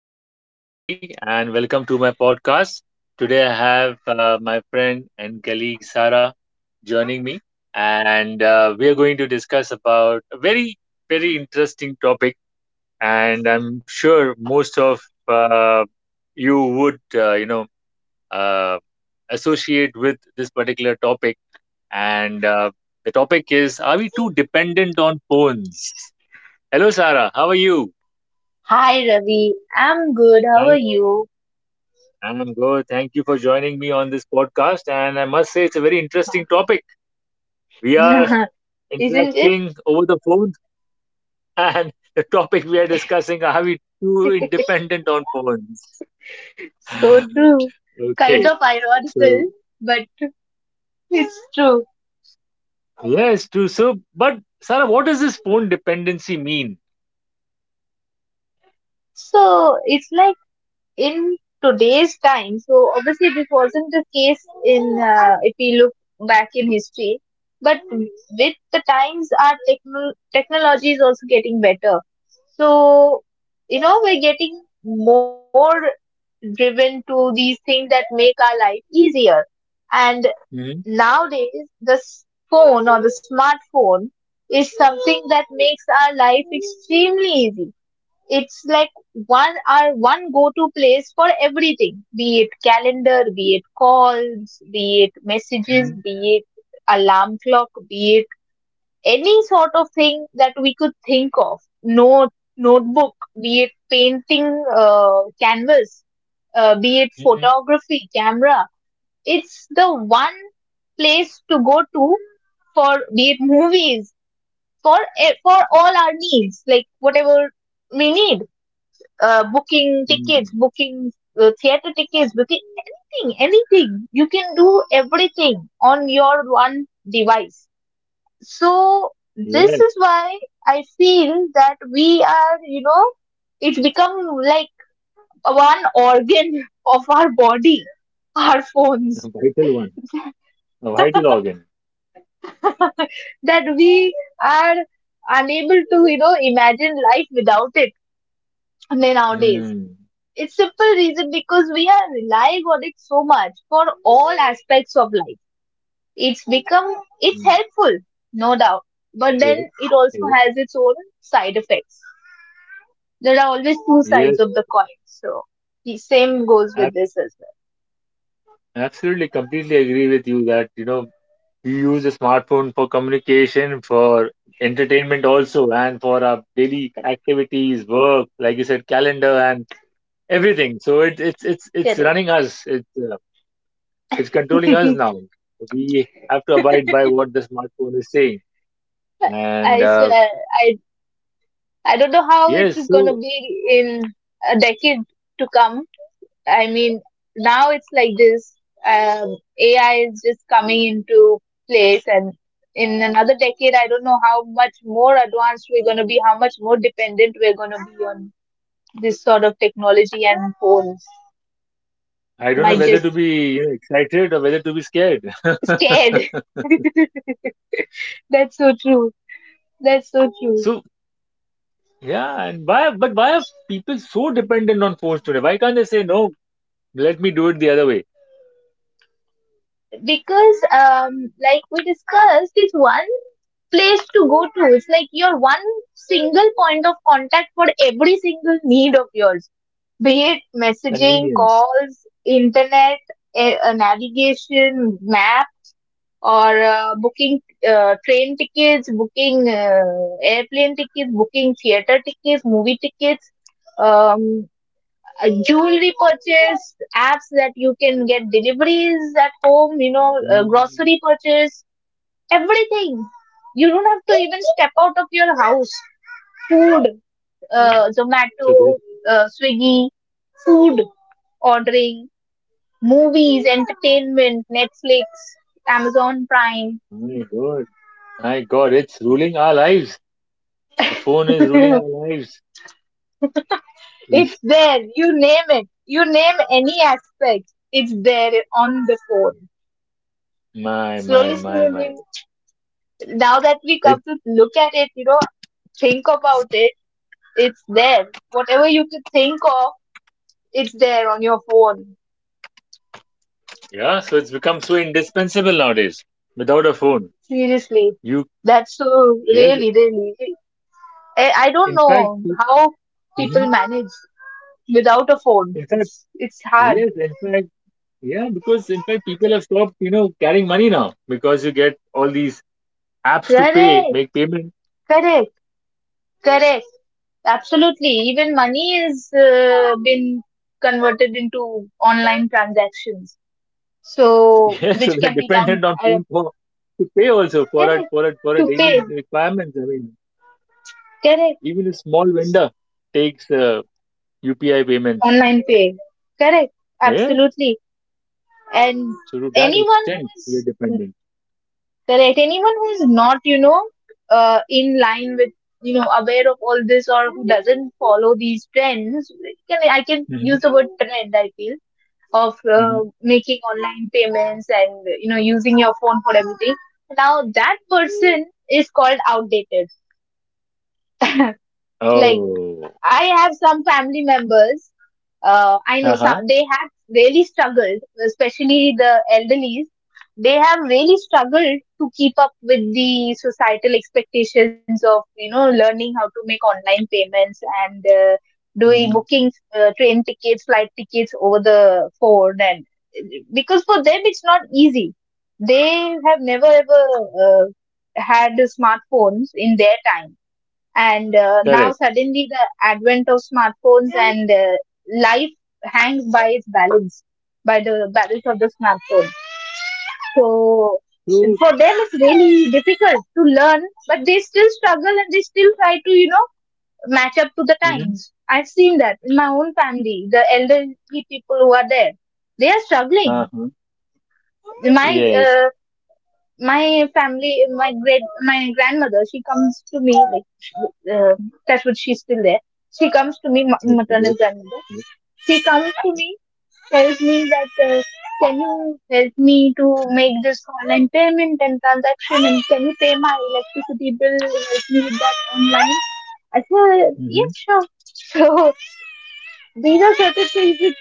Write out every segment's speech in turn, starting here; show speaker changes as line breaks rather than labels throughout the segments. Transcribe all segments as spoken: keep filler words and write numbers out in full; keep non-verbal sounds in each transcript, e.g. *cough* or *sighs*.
Uh, this is Ravi, and welcome to my podcast. Today, I have uh, my friend and colleague Sarah joining me, and uh, we are going to discuss about a very, very interesting topic. And I'm sure most of uh, you would, uh, you know, uh, associate with this particular topic. And uh, the topic is: Are we too dependent on phones? Hello, Sarah. How are you?
Hi Ravi, I'm good. How are you?
I'm good. Thank you for joining me on this podcast. And I must say, it's a very interesting topic.
*laughs*
We are
Isn't it?
interacting over the phone, *laughs* and the topic we are discussing are we too
*laughs*
dependent on phones? *sighs*
So
*laughs*
true. Kind
Okay.
of ironical,
So,
but it's true.
yes, true. So, but Sarah, what does this phone dependency mean?
So it's like in today's time. So obviously this wasn't the case in, uh, if we look back in history. But with the times, our techno- technology is also getting better. So, you know, we're getting more driven to these things that make our life easier. And
hmm
nowadays, the s- phone or the smartphone is something that makes our life extremely easy. It's like one our one go-to place for everything, be it calendar, be it calls, be it messages,
hmm
be it alarm clock, be it any sort of thing that we could think of, note notebook be it painting, uh, canvas, uh, be it
hmm
photography camera. It's the one place to go to, for be it movies, for e- for all our needs, like whatever we need, uh, booking
hmm
tickets, booking, uh, theater tickets, booking anything anything you can do everything on your one device. So this
Yes,
is why I feel that we are, you know it become like one organ *laughs* of our body, our phones,
a vital one, a vital organ.
that we are unable to, you know imagine life without it nowadays.
Mm-hmm.
It's simple reason because we are relying on it so much for all aspects of life. It's become, it's helpful, no doubt, but then
Yes.
it also has its own side effects. There are always two
Yes,
sides of the coin, so the same goes with
yes,
this as
absolutely, completely agree with you that you know we use a smartphone for communication, for entertainment also, and for our daily
well.
activities, work, like you said, calendar and everything. So it, it's it's it's
Correct,
running us. It's uh, it's controlling
correct.
us
*laughs*
now. We have to abide by what the smartphone is saying. And
I
uh,
swear, i i don't know how it
yes,
is going to
so
be in a decade to come. I mean, now it's like this. Um, A I is just coming into place, and in another decade, I don't know how much more advanced we're going to be, how much more dependent we're going to be on this sort of technology and phones.
I don't
My
know whether
just
to be you know, excited or whether to be scared. *laughs*
scared. *laughs* That's so true. That's so true.
So yeah, and why but why are people so dependent on phones today? Why can't they say no? Let me do it the other way.
Because, um, like we discussed, it's one place to go to. It's like your one single point of contact for every single need of yours, be it messaging,
Convenience.
calls, internet, a, a navigation, map, or uh, booking, uh, train tickets, booking, uh, airplane tickets, booking theater tickets, movie tickets, um, uh, jewelry purchase, apps that you can get deliveries at home, you know, uh,
Mm,
grocery purchase, everything. You don't have to even step out of your house. Food,
yeah.
uh,
So
Zomato,
they,
uh, Swiggy, food ordering, movies, entertainment, Netflix, Amazon Prime.
my God, my God, it's ruling our lives. The phone is ruling
*laughs*
our lives. We,
It's there. You name it. You name any aspect. It's there on the phone.
my, my,
Slowly,
my, my.
slowly. Now that we come
It,
to look at it, you know, think about it. It's there. Whatever you could think of, it's there on your phone.
yeah. So it's become so indispensable nowadays. Without a phone,
Seriously.
you,
That's so
yes.
really, really. I, I don't
In fact,
know
pe-
how people
Mhm.
manage without a phone.
in fact,
It's it's hard.
yes. In fact, yeah. Because in fact, people have stopped, you know, carrying money now because you get all these apps to pay,
Correct,
make payment.
correct, correct. Absolutely. Even money is, uh, been converted into online transactions. So
Yes, *laughs*
which
we are
can be done,
dependent on
uh,
food for to pay also for our
correct,
for our for our
to
daily
pay.
requirements. I mean,
Correct.
even a small vendor takes uh, U P I payments.
Online pay. Correct.
Yeah,
Absolutely. And
so to that
anyone who
extent, we are
is
dependent.
correct. Anyone who is not, you know, uh, in line with, you know, aware of all this or who doesn't follow these trends, can I can
hmm
use the word trend, I feel, of uh,
hmm
making online payments and you know using your phone for everything. Now that person is called outdated. Like,
Oh,
I have some family members. Uh, I
uh
know
huh.
some, they have really struggled, especially the elderlies. They have really struggled to keep up with the societal expectations of you know learning how to make online payments and, uh, doing
hmm
bookings, uh, train tickets, flight tickets over the phone, and because for them it's not easy. They have never ever uh, had smartphones in their time and, uh, now
Correct.
suddenly the advent of smartphones and, uh, life hangs by its balance, by the balance of the smartphone. So
So,
for them it's really difficult to learn, but they still struggle and they still try to, you know match up to the
hmm
times. I've seen that in my own family, the elderly people who are there, they are
uh
struggling.
huh.
my
Yes.
uh, my family, my great, my grandmother, she comes to me, like, sh- uh, that's what, she's still there. She comes to me, ma-
Okay.
maternal
Good.
grandmother. She comes to me, tells me that, uh, can you help me to make this online payment and transaction, and can you pay my electricity bill, help me with that online? I said,
Mm-hmm.
yes, sure. *laughs* So these are certain things that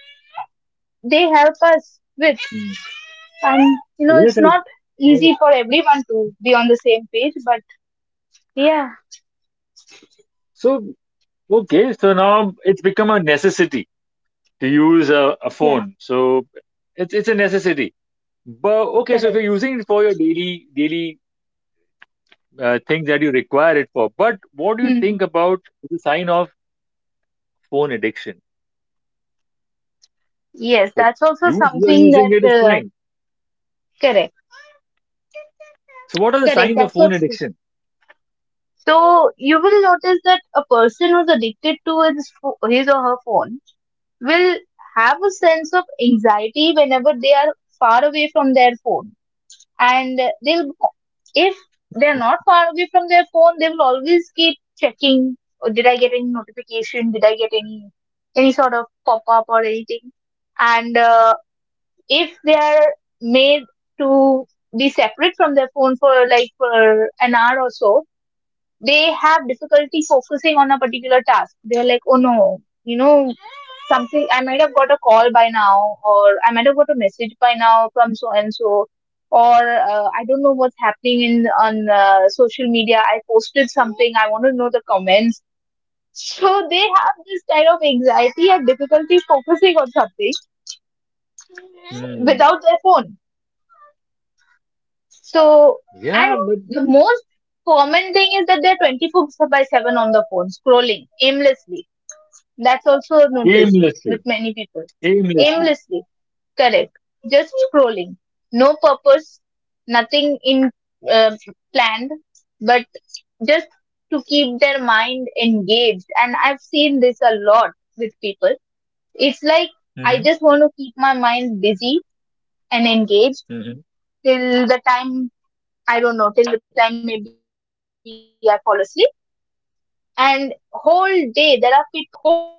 they help us with.
mm
And, you know,
Yes,
it's
I,
not
I.
easy for everyone to be on the same page, but yeah,
So okay. So now it's become a necessity to use a, a
yeah,
phone. So it's it's a necessity. But okay, so if
correct.
you're using it for your daily daily uh, things that you require it for, but what do you
Hmm.
think about the sign of phone addiction?
Yes,
So
that's also
use you're
something
using
that,
it is
uh,
fine.
correct,
So what are the
correct.
signs of
That's
phone
what's,
addiction?
so you will notice that a person who's addicted to his pho- his or her phone will have a sense of anxiety whenever they are far away from their phone, and they'll if they're not far away from their phone, they will always keep checking. Oh, did I get any notification? Did I get any any sort of pop up or anything? And uh, if they are made to be separate from their phone for, like, for an hour or so, they have difficulty focusing on a particular task. They're like, oh no, you know, something, I might have got a call by now, or I might have got a message by now from so and so, or uh, I don't know what's happening in, on uh, social media. I posted something, I want to know the comments. So they have this kind of anxiety and difficulty focusing on something
Hmm.
without their phone. So,
Yeah,
and
but
the most common thing is that they're twenty-four by seven on the phone, scrolling aimlessly. That's also noticed with
aimlessly,
many people.
aimlessly.
Aimlessly, correct. Just scrolling. No purpose, nothing in uh, planned, but just to keep their mind engaged. And I've seen this a lot with people. It's like, I
hmm
just want to keep my mind busy and engaged
hmm
till the time, I don't know, till the time maybe I fall asleep. And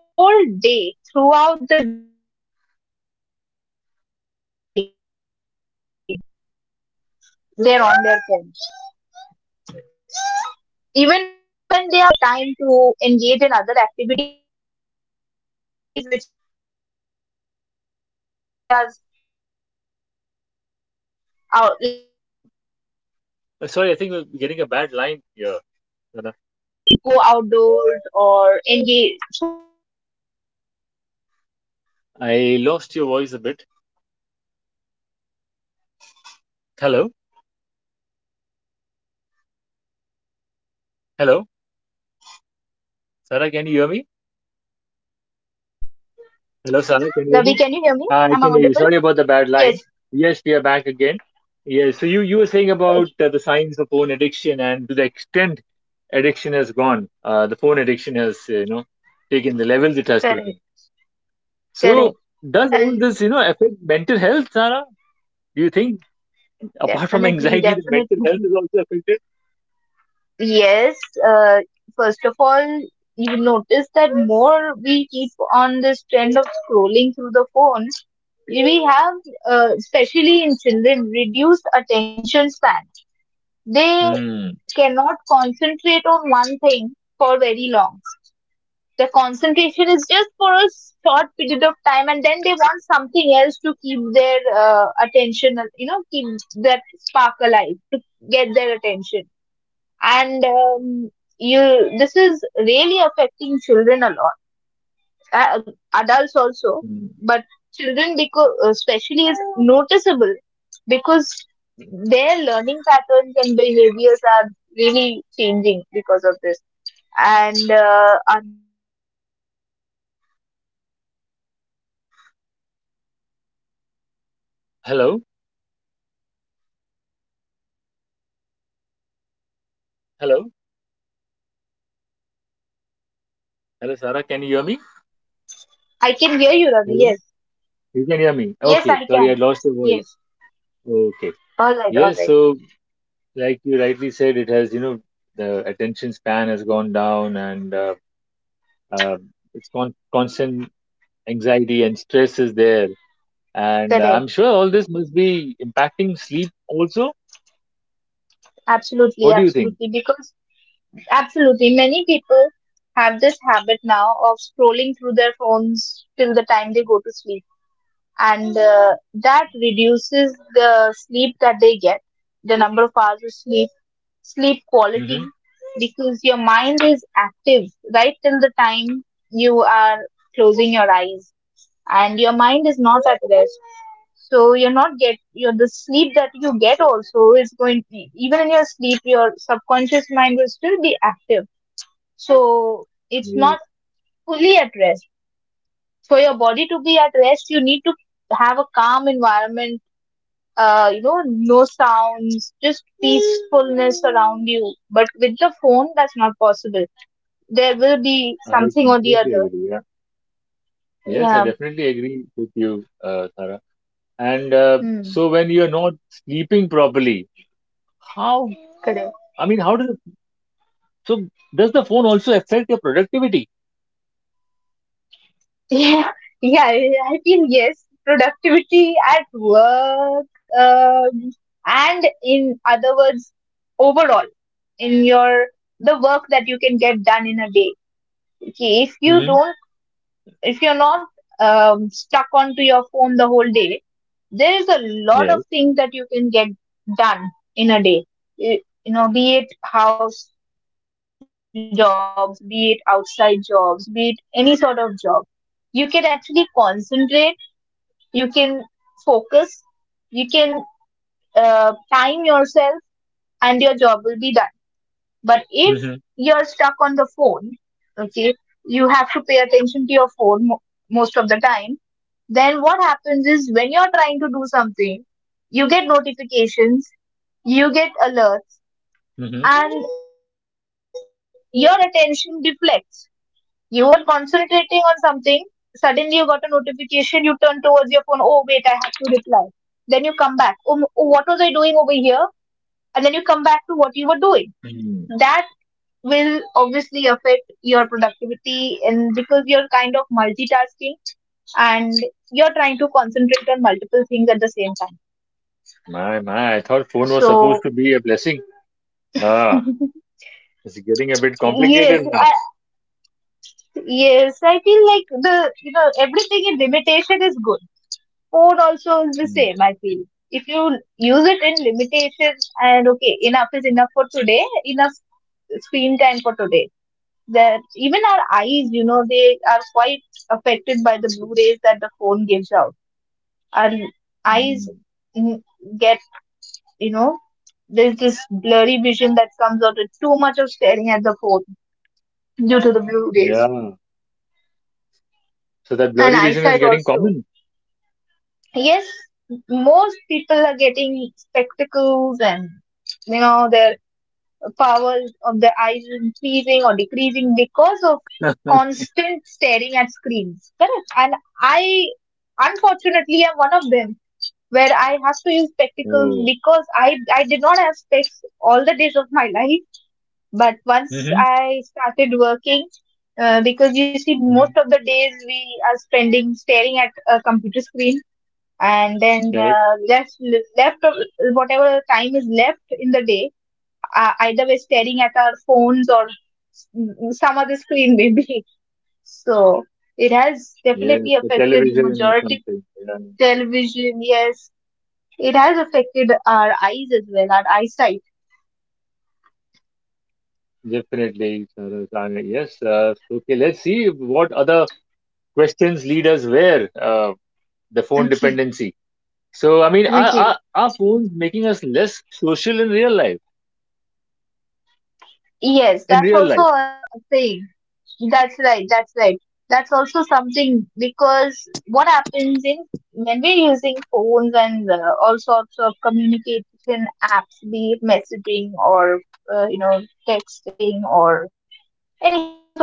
whole day, there are people whole day, throughout the day, they're on their phones. Even when they are free, as in, even when they are, uh, they have the time to engage in other
Uh, Sorry, I
activities,
think we're
which
getting a
are
bad line here.
out,
Sana.
like go outdoors or engage, socialize with other people, they would still choose to just stay
I
on
lost
their
your
phone
voice a
the
bit.
whole day. That is a very negative thing.
Hello?
Oh yes, I can. I do see there's some issue going on now. Can you hear me?
Hello? Sarah,
Now,
can you hear me?
can you hear me,
Hello, Sarah. Can you hear me? Uh, I can hear you. Sorry about the bad line. Yes, we are back again.
Ravi? Can you hear
Yes. So
me?
you you were
Am I
saying
audible?
about uh, the signs
Yes.
of phone addiction and to the extent addiction
Okay,
has gone, uh, the phone addiction has uh, you know taken the levels it has taken.
correct.
So does all this you know
Correct.
affect
And
mental health, Sarah? Do you think apart from
definitely,
anxiety, the
definitely.
mental health is also affected?
Yes. Uh, first of all, you notice that more we keep on this trend of scrolling through the phone, we have, uh, especially in children, reduced attention span. They
Hmm.
cannot concentrate on one thing for very long. The concentration is just for a short period of time, and then they want something else to keep their uh, attention, you know, keep that spark alive to get their attention. And um, you, this is really affecting children a lot, uh, adults also,
Hmm.
but children because especially is noticeable because their learning patterns and behaviors are really changing because of this. And uh, otherwise, also if you go to see health wise, your phone does too much, too much of it. Too much of
Hello.
anything is not good. Yes, can you hear me, Ravi?
Hello.
Um, yes, Ravi, I can hear you.
Hello, Sarah. Can you hear me?
I can hear you, Ravi.
Hello.
Yes,
You can hear me.
yes,
Okay.
I
Sorry, I
can.
lost your voice.
Yes.
Okay.
All right, all
Yes.
right.
So, like you rightly said, it has, you know, the attention span has gone down and uh, uh, it's con- constant anxiety and stress is there. And uh,
Correct.
I'm sure all this must be impacting sleep also.
Absolutely,
What do you think?
absolutely. Because absolutely, many people have this habit now of scrolling through their phones till the time they go to sleep, and uh, that reduces the sleep that they get, the number of hours of sleep, sleep quality,
hmm
because your mind is active right till the time you are closing your eyes, and your mind is not at rest, so you're not get your the sleep that you get also is going, even in your sleep your subconscious mind will still be active, so it's
Yes,
not fully at rest. For your body to be at rest you need to have a calm environment, uh, you know no sounds, just peacefulness around you, but with the phone that's not possible. There will be
I
something or the
completely
other.
agree. Yeah. Yes, I
Yeah.
definitely agree with you, uh, Sarah. And uh,
Hmm.
so when you're not sleeping properly, how,
Correct.
I mean, how does, the- so does the phone also affect your productivity?
*laughs* Yeah, yeah, yeah, I feel yes. Productivity at work, um, and in other words, overall, in your the work that you can get done in a day. Okay, if you
hmm
don't, if you're not um, stuck onto your phone the whole day, there is a lot
Yes.
of things that you can get done in a day. You, you know, be it house jobs, be it outside jobs, be it any sort of job. You can actually concentrate, you can focus, you can uh, time yourself, and your job will be done. But if
hmm
you're stuck on the phone, okay, you have to pay attention to your phone mo- most of the time. Then what happens is when you're trying to do something, you get notifications, you get alerts, and your attention deflects. You were concentrating on something, suddenly you got a notification, you turn towards your phone, oh wait, I have to reply. Then you come back, oh, m- oh, what was I doing over here? And then you come back to what you were doing. That
hmm
will obviously affect your productivity, and because you're kind of multitasking and you're trying to concentrate on multiple things at the same time.
My, my, I thought phone was
So
supposed to be a blessing. Ah,
*laughs*
it's getting a bit
yes,
complicated now.
I, yes, I feel like the you know everything in limitation is good. Phone also is the
Hmm.
same, I feel. If you use it in limitation and okay, enough is enough for today, enough screen time for today. That even our eyes, you know, they are quite affected by the blue rays that the phone gives out. Our
Hmm.
eyes mm, get, you know, there's this blurry vision that comes out with too much of staring at the phone due to the blue rays.
Yeah. So that
And
blurry vision is
eyesight
getting
also.
common.
Yes, most people are getting spectacles, and you know their power of their eyes is increasing or decreasing because of constant staring at screens. Correct. And I, unfortunately, am one of them, where I have to use spectacles,
Oh.
because I I did not have specs all the days of my life. But once
Mm-hmm.
I started working, uh, because you see most
hmm
of the days we are spending staring at a computer screen, and then
Correct.
uh, left left of whatever time is left in the day, uh, either we're staring at our phones or s- some other screen maybe. *laughs* So it has
Yes,
definitely
the
affected the
television or
majority.
something. Yeah,
Television. Yes, it has affected our eyes as well, our eyesight.
definitely. Saroj. Uh, Yes. Uh, okay, let's see what other questions lead us where uh, the phone
Okay,
dependency. So, I mean, are,
okay.
are, are phones making us less social in real life?
Yes,
In
that's
real
also
life.
a a thing. That's right. That's right. That's also something. Because what happens in, when we're using phones and uh, all sorts of communication apps, be it messaging or uh, you know texting or any sort of thing,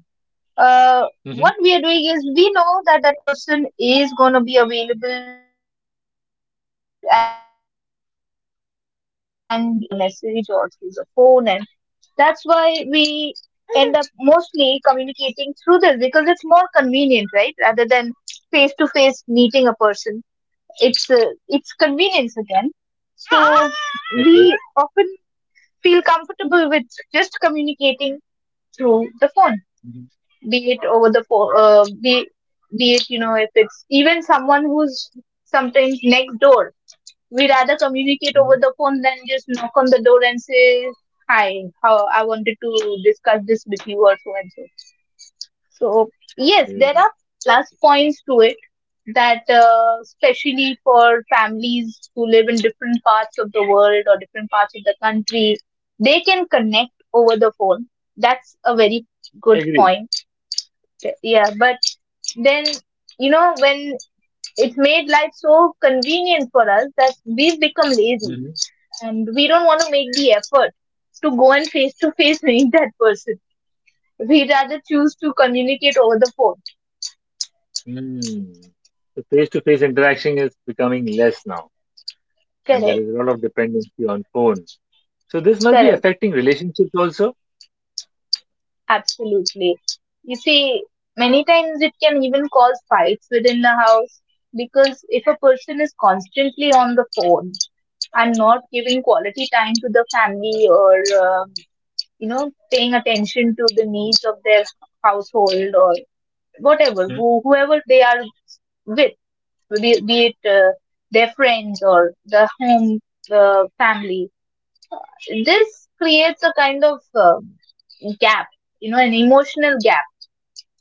uh, what we are
Mm-hmm.
doing is, we know that that person is going to be available and is going to speak to us or uh, reply to us through the message or through the phone. And that's why we end up mostly communicating through this, because it's more convenient, right? Rather than face to face meeting a person, it's uh, it's convenience again. So
Okay.
we often feel comfortable with just communicating through the phone,
Mm-hmm.
be it over the phone, uh, be be it, you know, if it's even someone who's sometimes next door, we rather communicate over
Mm-hmm.
the phone than just knock on the door and say, "Hi, how I wanted to discuss this with you," or so and so. So, yes,
Yeah.
there are plus points to it, that, uh, especially for families who live in different parts of the world or different parts of the country, they can connect over the phone. That's a very good
Agree.
point. Yeah, but then, you know, when it's made life so convenient for us that we've become lazy,
hmm
and we don't want to make the effort to go and face to face *laughs* meet that person. We rather choose to communicate over the phone.
The face-to-face interaction is becoming less now, and there
Correct,
is a lot of dependency on phone. So this must be
correct,
affecting relationships also.
absolutely. You see, many times it can even cause fights within the house, because if a person is constantly on the phone and not giving quality time to the family or um, you know, paying attention to the needs of their household or whatever,
Mm.
who, whoever they are with, be, be it uh, their friends or the home, the family. This creates a kind of uh, gap, you know, an emotional gap,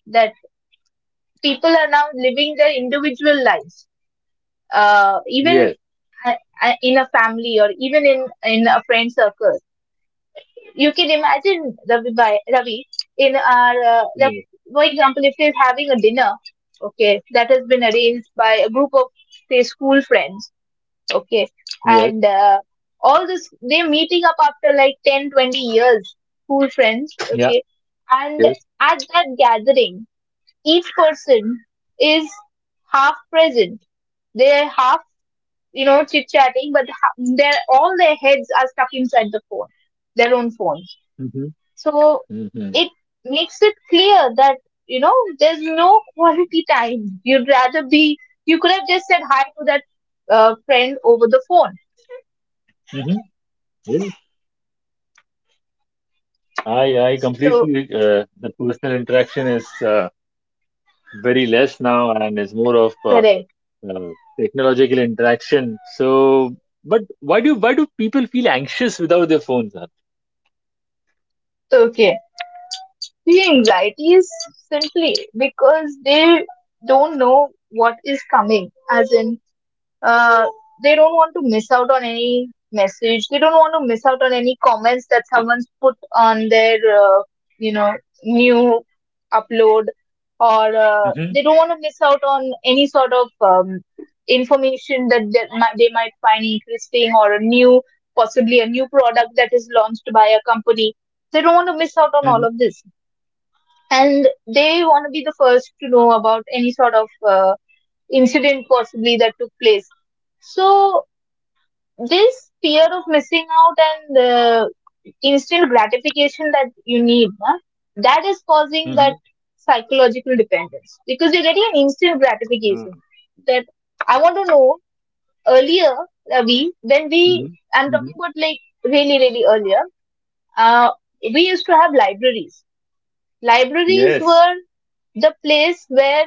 that people are now living their individual lives, uh, even
Yes.
uh, uh, in a family or even in in a friend circle. You can imagine Ravi, by, Ravi, in our uh, like,
Yes.
for example, if we're having a dinner, okay, that has been arranged by a group of, say, school friends, okay,
Yes.
and uh, all this, they're meeting up after like ten, twenty years, school friends,
Yeah.
okay, and
Yes.
at that gathering, each person is half present. They're half, you know, chit chatting, but ha- they're all, their heads are stuck inside the phone, their own phones.
Mm-hmm.
So
Mm-hmm.
it makes it clear that, you know, there's no quality time. You'd rather be, you could have just said hi to that uh, friend over the phone.
Mm-hmm. Yes. I I
So
completely uh, the personal interaction is uh, very less now, and is more of uh,
correct.
uh, technological interaction. So, but why do why do people feel anxious without their phones?
Okay. The anxiety is simply because they don't know what is coming, as in, uh, they don't want to miss out on any message. They don't want to miss out on any comments that someone's put on their, uh, you know, new upload, or uh,
Mm-hmm.
they don't want to miss out on any sort of um, information that they might, they might find interesting, or a new, possibly a new product that is launched by a company. They don't want to miss out on
Mm-hmm.
all of this, and they want to be the first to know about any sort of. Uh, incident possibly that took place. So this fear of missing out and the instant gratification that you need, huh, that is causing
Mm-hmm.
that psychological dependence, because you're getting an instant gratification. That I want to know. Earlier, Ravi, when we,
hmm
I'm
hmm
talking about like really really earlier, uh, we used to have libraries. Libraries
Yes,
were the place where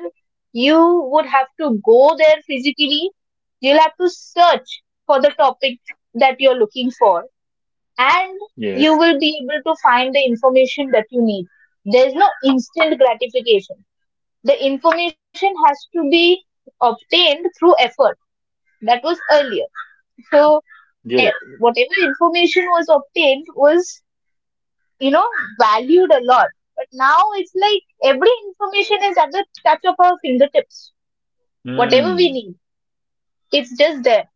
you would have to go there physically. You'll have to search for the topic that you're looking for, and you
yes,
will be able to find the information that you need. There's no instant gratification. The information has to be obtained through effort. That was earlier. So, eh,
yes.
whatever information was obtained was, you know, valued a lot. But now it's like every information is at the touch of our fingertips. Whatever we
Mm.
need, it's just there.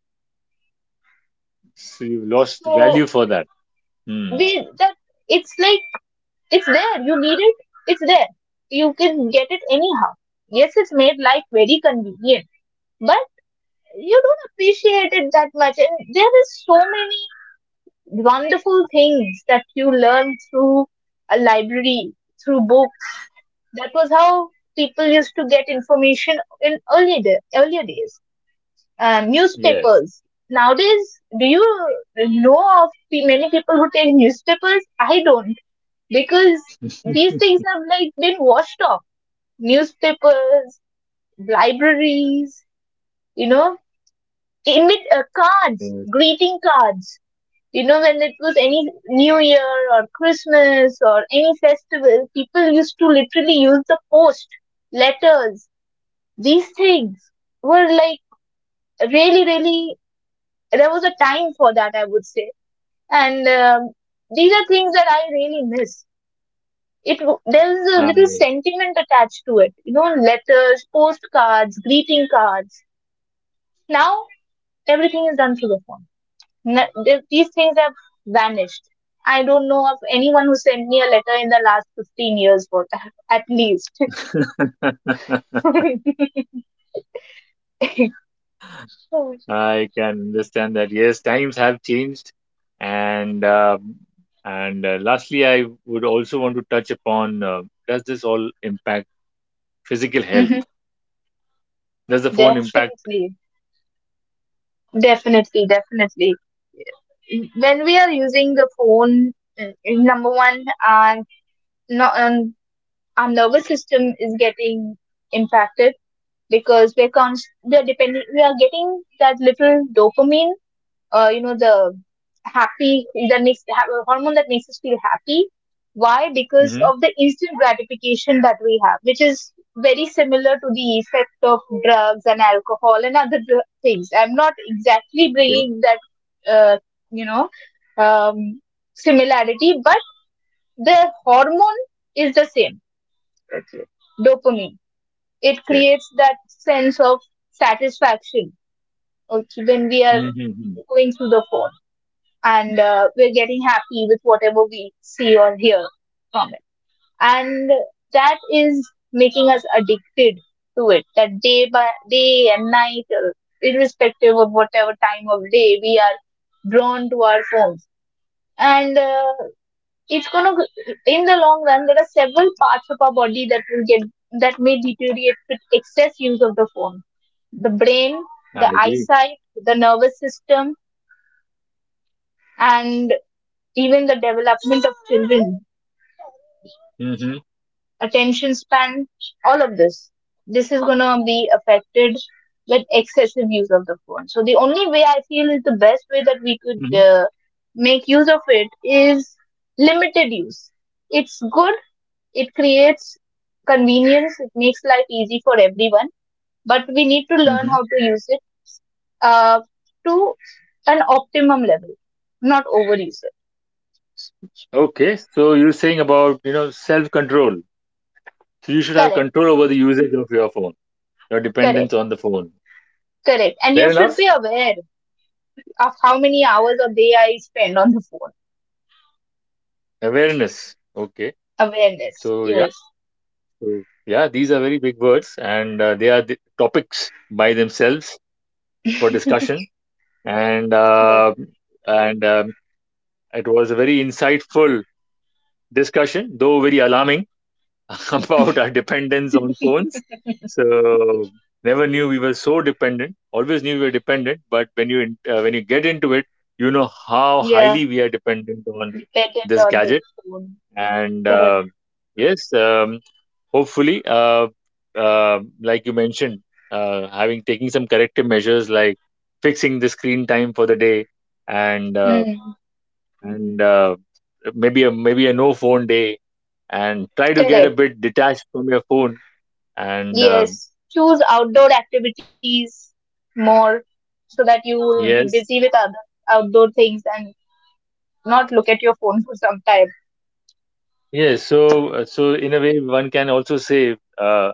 So you lost
So
value for that. Mm.
we, that, it's like, it's there, you need it, it's there, you can get it anyhow. Yes, it's made life very convenient, but you don't appreciate it that much. And there is so many wonderful things that you learn through a library, through books. That was how people used to get information in earlier day, earlier days. Um,
Yes.
newspapers. Nowadays, do you know of pe- many people who take newspapers? I don't, because
*laughs*
these things have like been washed off. Newspapers, libraries, you know, emit uh, cards,
Yes.
greeting cards. You know, when it was any New Year or Christmas or any festival, people used to literally use the post, letters. These things were like really, really, there was a time for that, I would say. And um, these are things that I really miss. It w- there's a
I
little sentiment attached to it, you know, letters, postcards, greeting cards. Now everything is done through the phone. Ne- th- these things have vanished. I don't know of anyone who sent me a letter in the last fifteen years for that, *laughs* at least.
*laughs*
*laughs*
I can understand that. Yes, times have changed, and um and uh, lastly, I would also want to touch upon uh, does this all impact physical health?
Mhm.
Does the phone impact?
Definitely, definitely, definitely. When we are using the phone, uh, number one, uh, no, um, our nervous system is getting impacted, because we're const- we are depending, we are getting that little dopamine, uh, you know, the happy that makes ha- hormone that makes us feel happy. Why? Because
Mm-hmm.
of the instant gratification that we have, which is very similar to the effect of drugs and alcohol and other dr- things. I'm not exactly
Yeah.
bringing that uh, you know um, similarity, but the hormone is the same. Okay. Dopamine, it
Okay.
creates that sense of satisfaction. Okay, when we are
Mm-hmm. Mm-hmm.
going through the phone and uh, we're getting happy with whatever we see or hear from it, and that is making us addicted to it, that day by day and night, uh, irrespective of whatever time of day, we are drawn to our phones. And uh, it's gonna g- in the long run, there are several parts of our body that will get, that may deteriorate with excess use of the phone. The brain,
I
the
agree.
eyesight, the nervous system, and even the development of children,
Mm-hmm.
attention span, all of this, this is gonna be affected with excessive use of the phone. So the only way, I feel, is the best way that we could
Mm-hmm.
uh, make use of it, is limited use. It's good. It creates convenience, it makes life easy for everyone, but we need to learn how
Mm-hmm.
to use it uh, to an optimum level, not overuse it.
Okay, so you're saying about, you know, self-control. So you should have
Correct,
control over the usage of your phone, your dependence
correct,
on the phone.
correct. And
Fair
you should be
enough.
aware of how many hours a day I spend on the phone.
Awareness. Okay.
Awareness,
So yeah.
yes,
So yeah, these are very big words, and uh, they are the topics by themselves for discussion. And
correct.
uh, and um, It was a very insightful discussion, though very alarming. *laughs* About our dependence on phones. So never knew we were so dependent. Always knew we were dependent, but when you in- uh, when you get into it, you know how
Yeah,
highly we are dependent on
dependent
this
on the
gadget.
phone.
And
Correct.
uh, yes, um, hopefully, uh, uh, like you mentioned, uh, having taking some corrective measures like fixing the screen time for the day and uh,
Mm.
and uh, maybe a maybe a no phone day and try to get a
Correct.
bit detached from your phone and uh,
Yes. Choose outdoor activities more, so that you will be
yes
busy with other outdoor things and not look at your phone for some time. *laughs*
yes so uh, so in a way one can also say uh,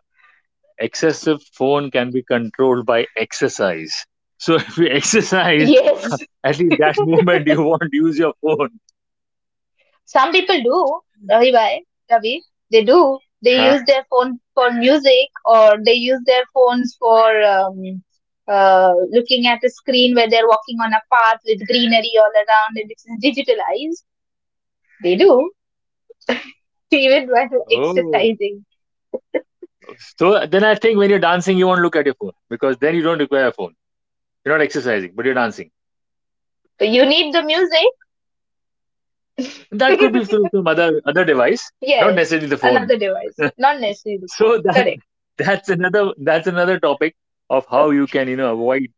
excessive phone can be controlled by exercise so *laughs* if you exercise
Yes,
at least that *laughs* moment you won't use your phone
some people do. Ravi bhai, Ravi, they do. They
huh?
use their phone for music, or they use their phones for um, uh, looking at a screen where they're walking on a path with greenery all around and it's digitalized. They do *laughs* even while
Oh
exercising.
so then I think when you're dancing you won't look at your phone because then you don't require a phone you're not exercising but you're dancing.
But you need the music.
That could be through some other other device,
*laughs*
not
Yes,
necessarily the phone.
another device,
*laughs*
not necessarily the
So
phone.
that
Correct,
that's another that's another topic of how you can you know avoid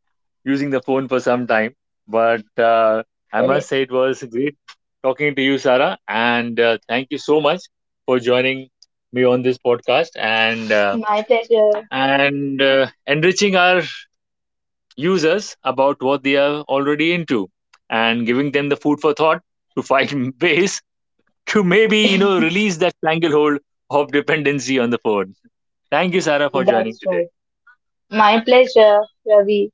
using the phone for some time. But uh, I must say
correct.
it was great talking to you, Sarah, and uh, thank you so much for joining me on this podcast and uh,
My pleasure.
and uh, enriching our users about what they are already into and giving them the food for thought to find *laughs* ways to maybe you know release that stranglehold of dependency on the phone. Thank you, Sarah, for joining
That's
today.
right. My pleasure, Ravi.